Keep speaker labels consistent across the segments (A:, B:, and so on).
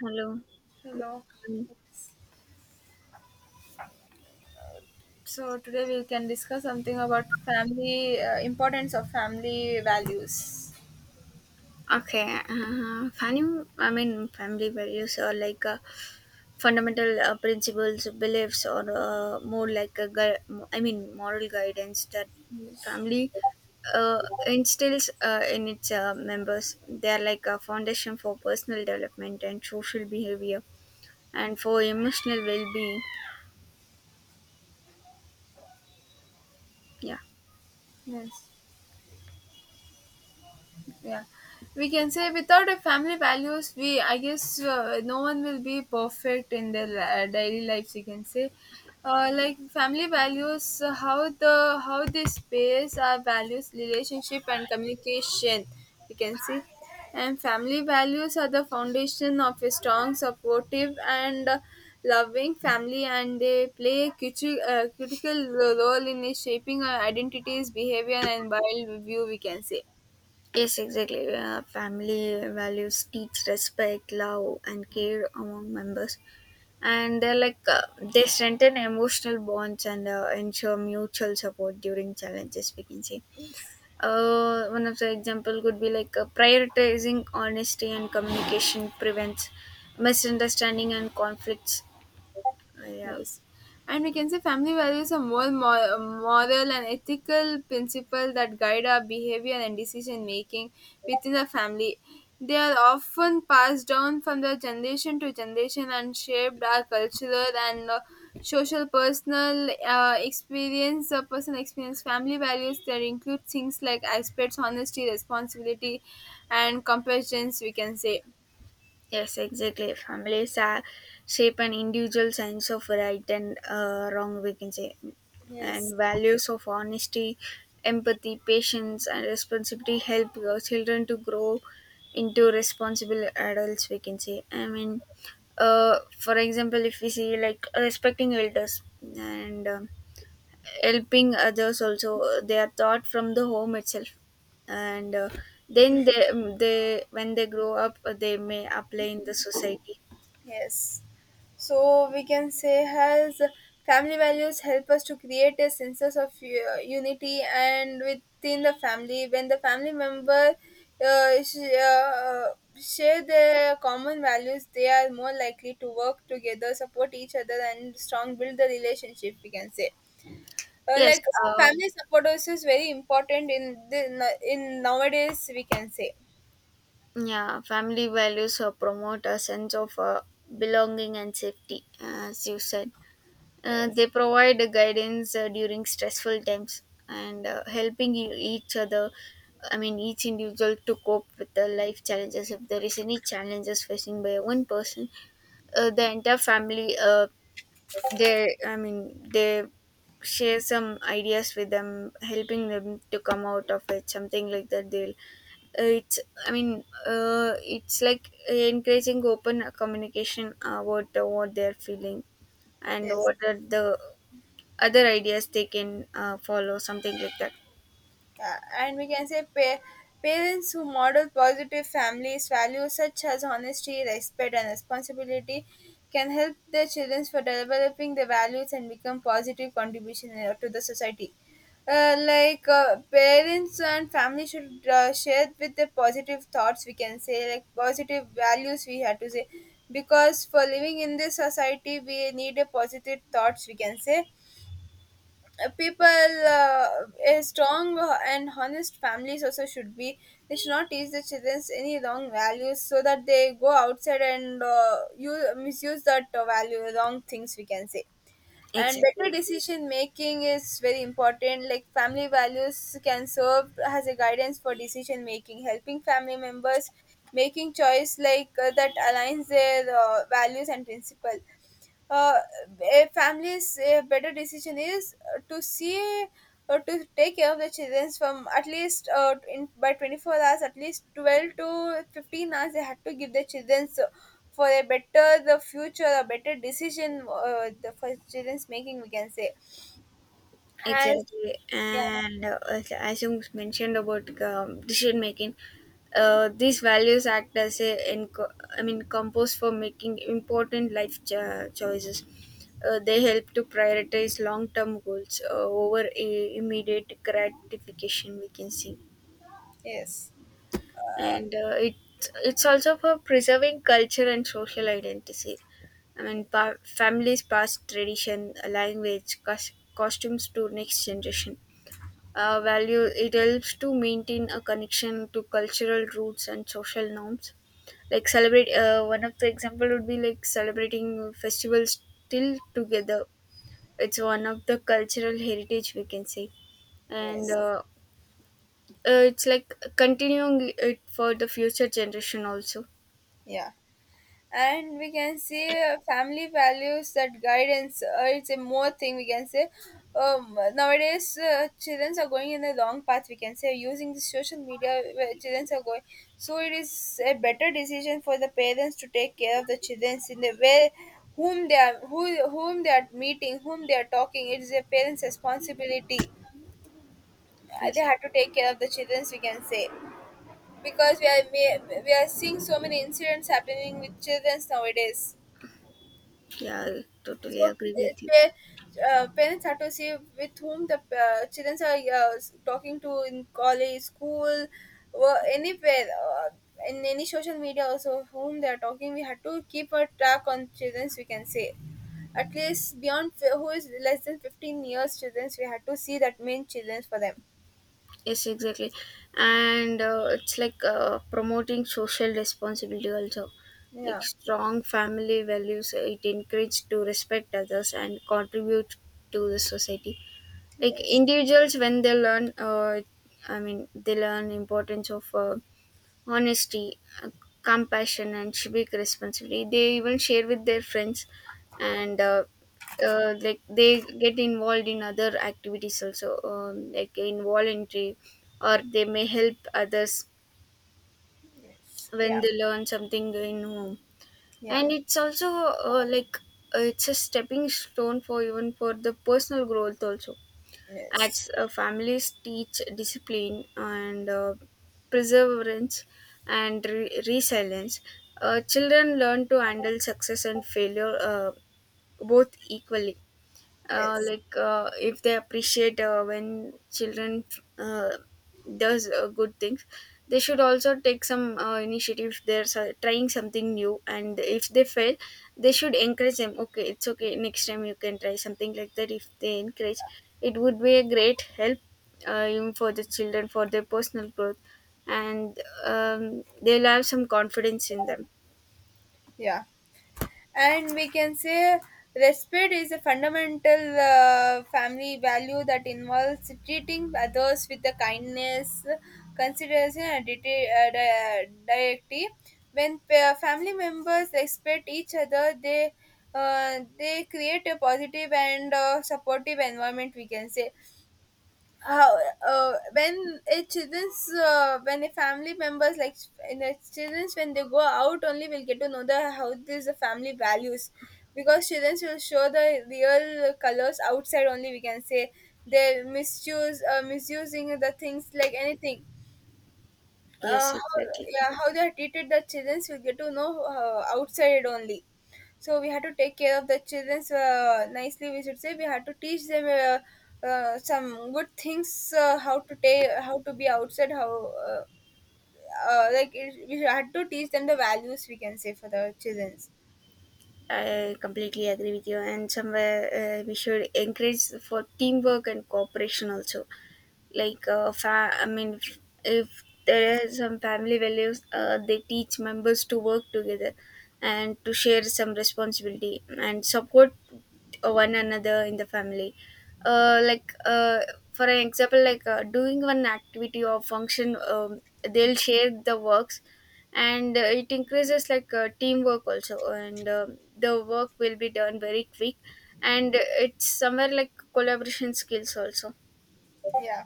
A: Hello.
B: Hello.
A: Mm.
B: So today we can discuss something about family, importance of family values.
A: Okay. Family, I mean, family values are like fundamental principles, beliefs, or more like a I mean, moral guidance that
B: Yes.
A: family instills in its members. They are like a foundation for personal development and social behavior, and for emotional well-being. Yeah.
B: Yes. Yeah, we can say without a family values we I guess no one will be perfect in their daily lives, you can say. Like family values, how they space our values, relationship, and communication, you can see. And family values are the foundation of a strong, supportive, and loving family, and they play a critical role in shaping our identities, behavior, and world view, we can say.
A: Yes, exactly. Family values teach respect, love, and care among members, and they're like they strengthen emotional bonds and ensure mutual support during challenges, we can say.
B: Yes.
A: One of the example could be like prioritizing honesty and communication prevents misunderstanding and conflicts. Yeah.
B: Yes. And we can say family values are moral and ethical principles that guide our behavior and decision making within the family. They are often passed down from the generation to generation and shaped our cultural and social personal experience, personal experience. Family values that include things like aspects, honesty, responsibility, and compassion, we can say.
A: Yes, exactly. Families are shape an individual sense of right and wrong, we can say,
B: Yes.
A: and values of honesty, empathy, patience, and responsibility help your children to grow into responsible adults, we can say. I mean, for example, if we see like respecting elders and helping others also, they are taught from the home itself, and then they when they grow up they may apply in the society.
B: Yes. So we can say has, family values help us to create a sense of unity and within the family. When the family member uh, sh- uh, share their common values, they are more likely to work together, support each other, and strong build the relationship, we can say.
A: Yes,
B: Family support also is very important in nowadays, we can say.
A: yeah, family values promote a sense of belonging and safety, as you said.
B: Yes.
A: They provide guidance during stressful times and helping each other, I mean each individual, to cope with the life challenges. If there is any challenges facing by one person, the entire family they share some ideas with them, helping them to come out of it, something like that they'll it's it's like encouraging open communication about what they're feeling and
B: Yes.
A: what are the other ideas they can follow, something like that.
B: Yeah, and we can say parents who model positive families values such as honesty, respect, and responsibility can help their children for developing their values and become positive contribution to the society. Parents and family should share with their positive thoughts. We can say, like, positive values. We have to say because for living in this society, we need a positive thoughts, we can say. People, a strong and honest families also should be, they should not teach the children any wrong values so that they go outside and misuse that value wrong things, we can say. And
A: Exactly.
B: better decision making is very important. Like, family values can serve as a guidance for decision making, helping family members making choice like that aligns their values and principle. uh, a family's better decision is to see or to take care of the children from at least in by 24 hours, at least 12 to 15 hours they had to give their children. So for a better the future, a better decision the for children's making, we can say, has.
A: Exactly,
B: Yeah.
A: and as you mentioned about decision making, these values act as a I mean compost for making important life choices. They help to prioritize long-term goals over immediate gratification. We can see,
B: Yes.
A: and it's also for preserving culture and social identity. I mean, families pass tradition, language, costumes to next generation. Value, it helps to maintain a connection to cultural roots and social norms, like celebrate, one of the example would be like celebrating festivals still together. It's one of the cultural heritage, we can say. And
B: Yes.
A: it's like continuing it for the future generation also.
B: Yeah. And we can see family values, that guidance, it's a more thing, we can say. Nowadays, children are going in a long path, we can say, using the social media where children are going. So it is a better decision for the parents to take care of the children in the way whom they are who whom they are meeting, whom they are talking. It is a parents responsibility. They
A: Yes.
B: have to take care of the children, we can say, because we are seeing so many incidents happening with children nowadays.
A: Yeah, I
B: So
A: totally agree with you.
B: parents have to see with whom the children are talking to in college, school, or anywhere, in any social media also whom they are talking. We have to keep a track on childrens, we can say. At least beyond who is less than 15 years childrens, we have to see that main childrens for them.
A: Yes, exactly. And it's like promoting social responsibility also. Like
B: Yeah.
A: strong family values, it encourages to respect others and contribute to the society. Like
B: Yes.
A: individuals, when they learn, I mean, they learn importance of honesty, compassion, and civic responsibility. They even share with their friends, and like they get involved in other activities also, like in voluntary, or they may help others
B: Yes.
A: when
B: Yeah.
A: they learn something in home.
B: Yeah.
A: And it's also like it's a stepping stone for even for the personal growth also,
B: Yes.
A: as families teach discipline and perseverance and resilience. Children learn to handle success and failure both equally.
B: Yes.
A: Like if they appreciate when children uh, does good things, they should also take some initiative. If they're trying something new and if they fail, they should encourage them, okay, it's okay, next time you can try, something like that. If they encourage, it would be a great help even for the children for their personal growth, and they'll have some confidence in them.
B: Yeah. And we can say respect is a fundamental family value that involves treating others with the kindness, consideration, and dignity. When family members respect each other, they create a positive and supportive environment, we can say. How when a family members, like, in a children's, when they go out, only will get to know the how this the family values, because children will show the real colors outside only, we can say. They misuse misusing the things like anything. uh,
A: Yes,
B: how,
A: exactly.
B: yeah, how they have treated the children, we get to know outside only. So we had to take care of the children nicely, we should say. We had to teach them some good things, how to be outside, how uh, like it, we had to teach them the values, we can say, for the children.
A: I completely agree with you, and somewhere we should encourage for teamwork and cooperation also, like if there are some family values they teach members to work together and to share some responsibility and support one another in the family. Like for an example, like doing one activity or function, they'll share the works, and it increases like teamwork also, and the work will be done very quick, and it's somewhere like collaboration skills also.
B: Yeah.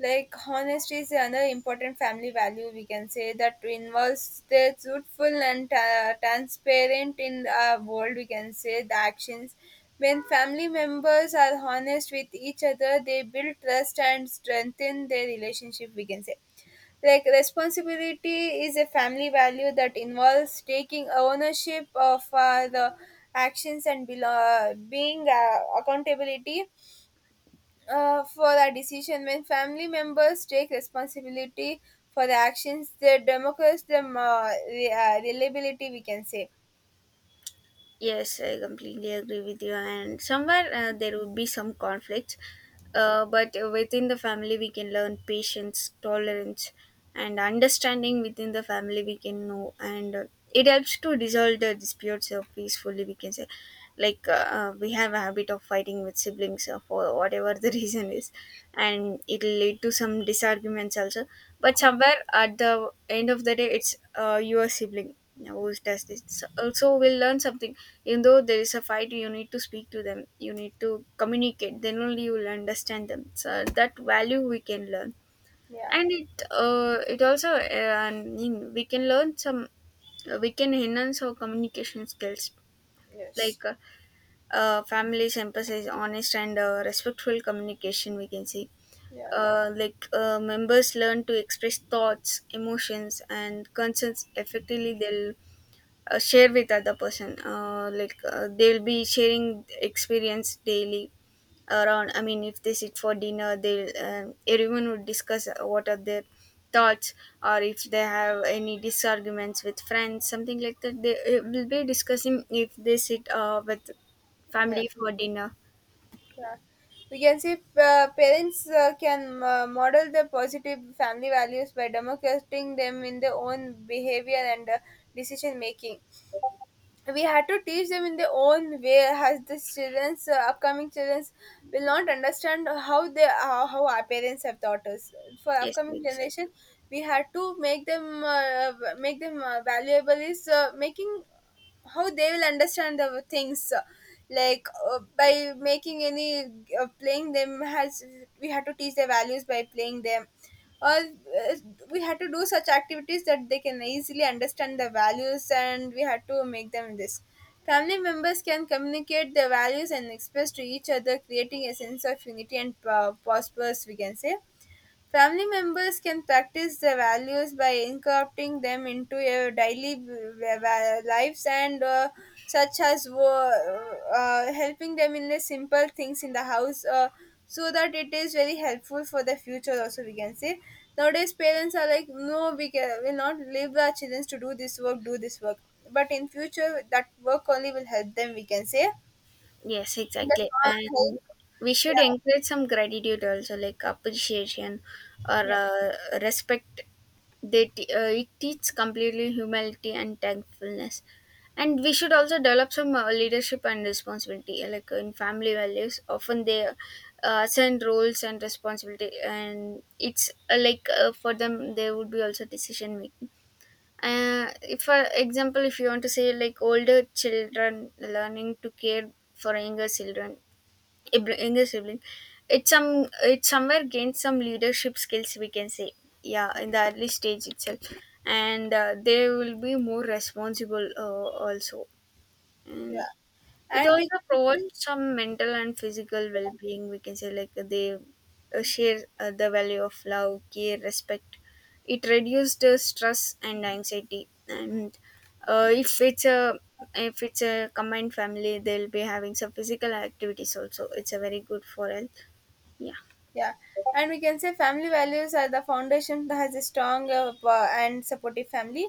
B: Like, honesty is another important family value, we can say, that involves the truthful and transparent in our world, we can say, the actions. When family members are honest with each other, they build trust and strengthen their relationship, we can say. Like, responsibility is a family value that involves taking ownership of the actions and being accountability for a decision. When family members take responsibility for the actions, they democrats the reliability, we can say.
A: Yes, I completely agree with you. And somewhere there would be some conflicts, but within the family, we can learn patience, tolerance, and understanding within the family, we can know. And it helps to resolve the disputes peacefully, we can say. Like, we have a habit of fighting with siblings for whatever the reason is, and it'll lead to some disarguments also. But somewhere at the end of the day, it's your sibling who does this. So, also, we'll learn something. Even though there is a fight, you need to speak to them, you need to communicate, then only you will understand them, so that value we can learn.
B: Yeah.
A: And it also we can learn some we can enhance our communication skills,
B: Yes.
A: like families emphasize honest and respectful communication, we can see.
B: Yeah.
A: Like members learn to express thoughts, emotions, and concerns effectively. They'll share with other person, like they'll be sharing experience daily around. I mean, if they sit for dinner, they'll everyone would discuss what are their thoughts, or if they have any disarguments with friends, something like that, they will be discussing if they sit with
B: Yeah.
A: family for dinner.
B: Yeah. We can see parents can model the positive family values by demonstrating them in their own behavior and decision making. We had to teach them in their own way, as the children's upcoming childrens will not understand how our parents have taught us. For
A: Yes,
B: upcoming generation,
A: exactly.
B: we had to make them valuable is making how they will understand the things, like by making any playing them, has, we had to teach their values by playing them, or we had to do such activities that they can easily understand the values, and we had to make them this. Family members can communicate their values and express to each other, creating a sense of unity and prosperous, we can say. Family members can practice the values by incorporating them into your daily lives and such as helping them in the simple things in the house, so that it is very helpful for the future also, we can say. Nowadays parents are like, no, will not leave our children to do this work, do this work, but in future that work only will help them, we can say.
A: Yes,
B: The
A: exactly.
B: small help.
A: And we should
B: Yeah.
A: encourage some gratitude also, like appreciation or
B: Yeah.
A: respect. They it teaches completely humility and thankfulness. And we should also develop some leadership and responsibility, like in family values. Often they assign roles and responsibility, and it's like for them, there would be also decision making. If for example if you want to say, like older children learning to care for younger children, younger sibling, it somewhere gains some leadership skills, we can say, yeah, in the early stage itself. And they will be more responsible also.
B: Yeah.
A: And it
B: And we
A: also
B: can
A: provides
B: see.
A: some mental and physical well-being, we can say. Like they share the value of love, care, respect, it reduces the stress and anxiety. And uh, if it's a if it's a combined family, they'll be having some physical activities also, it's a very good for health. Yeah.
B: Yeah, and we can say family values are the foundation that has a strong and supportive family.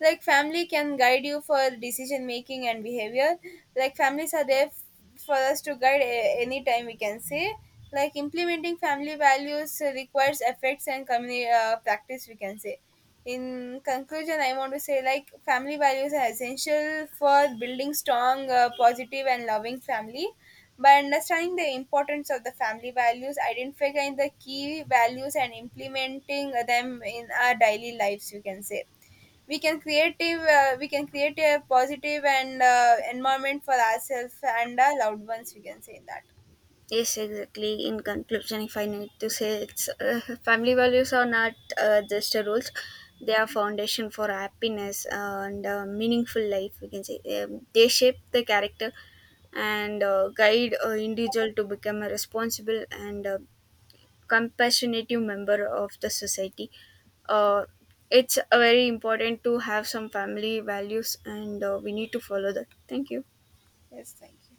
B: Like, family can guide you for decision making and behavior. Like, families are there for us to guide any time, we can say. Like, implementing family values requires efforts and community practice, we can say. In conclusion, I want to say, like, family values are essential for building strong, positive, and loving family. By understanding the importance of the family values, identifying the key values, and implementing them in our daily lives, you can say we can create a positive and environment for ourselves and our loved ones, we can say that.
A: Yes, exactly. In conclusion, if I need to say, it's family values are not just a rules; they are foundation for happiness and meaningful life. We can say they shape the character and guide an individual to become a responsible and compassionate member of the society. Uh, it's very important to have some family values, and we need to follow that. Thank you.
B: Yes, thank you.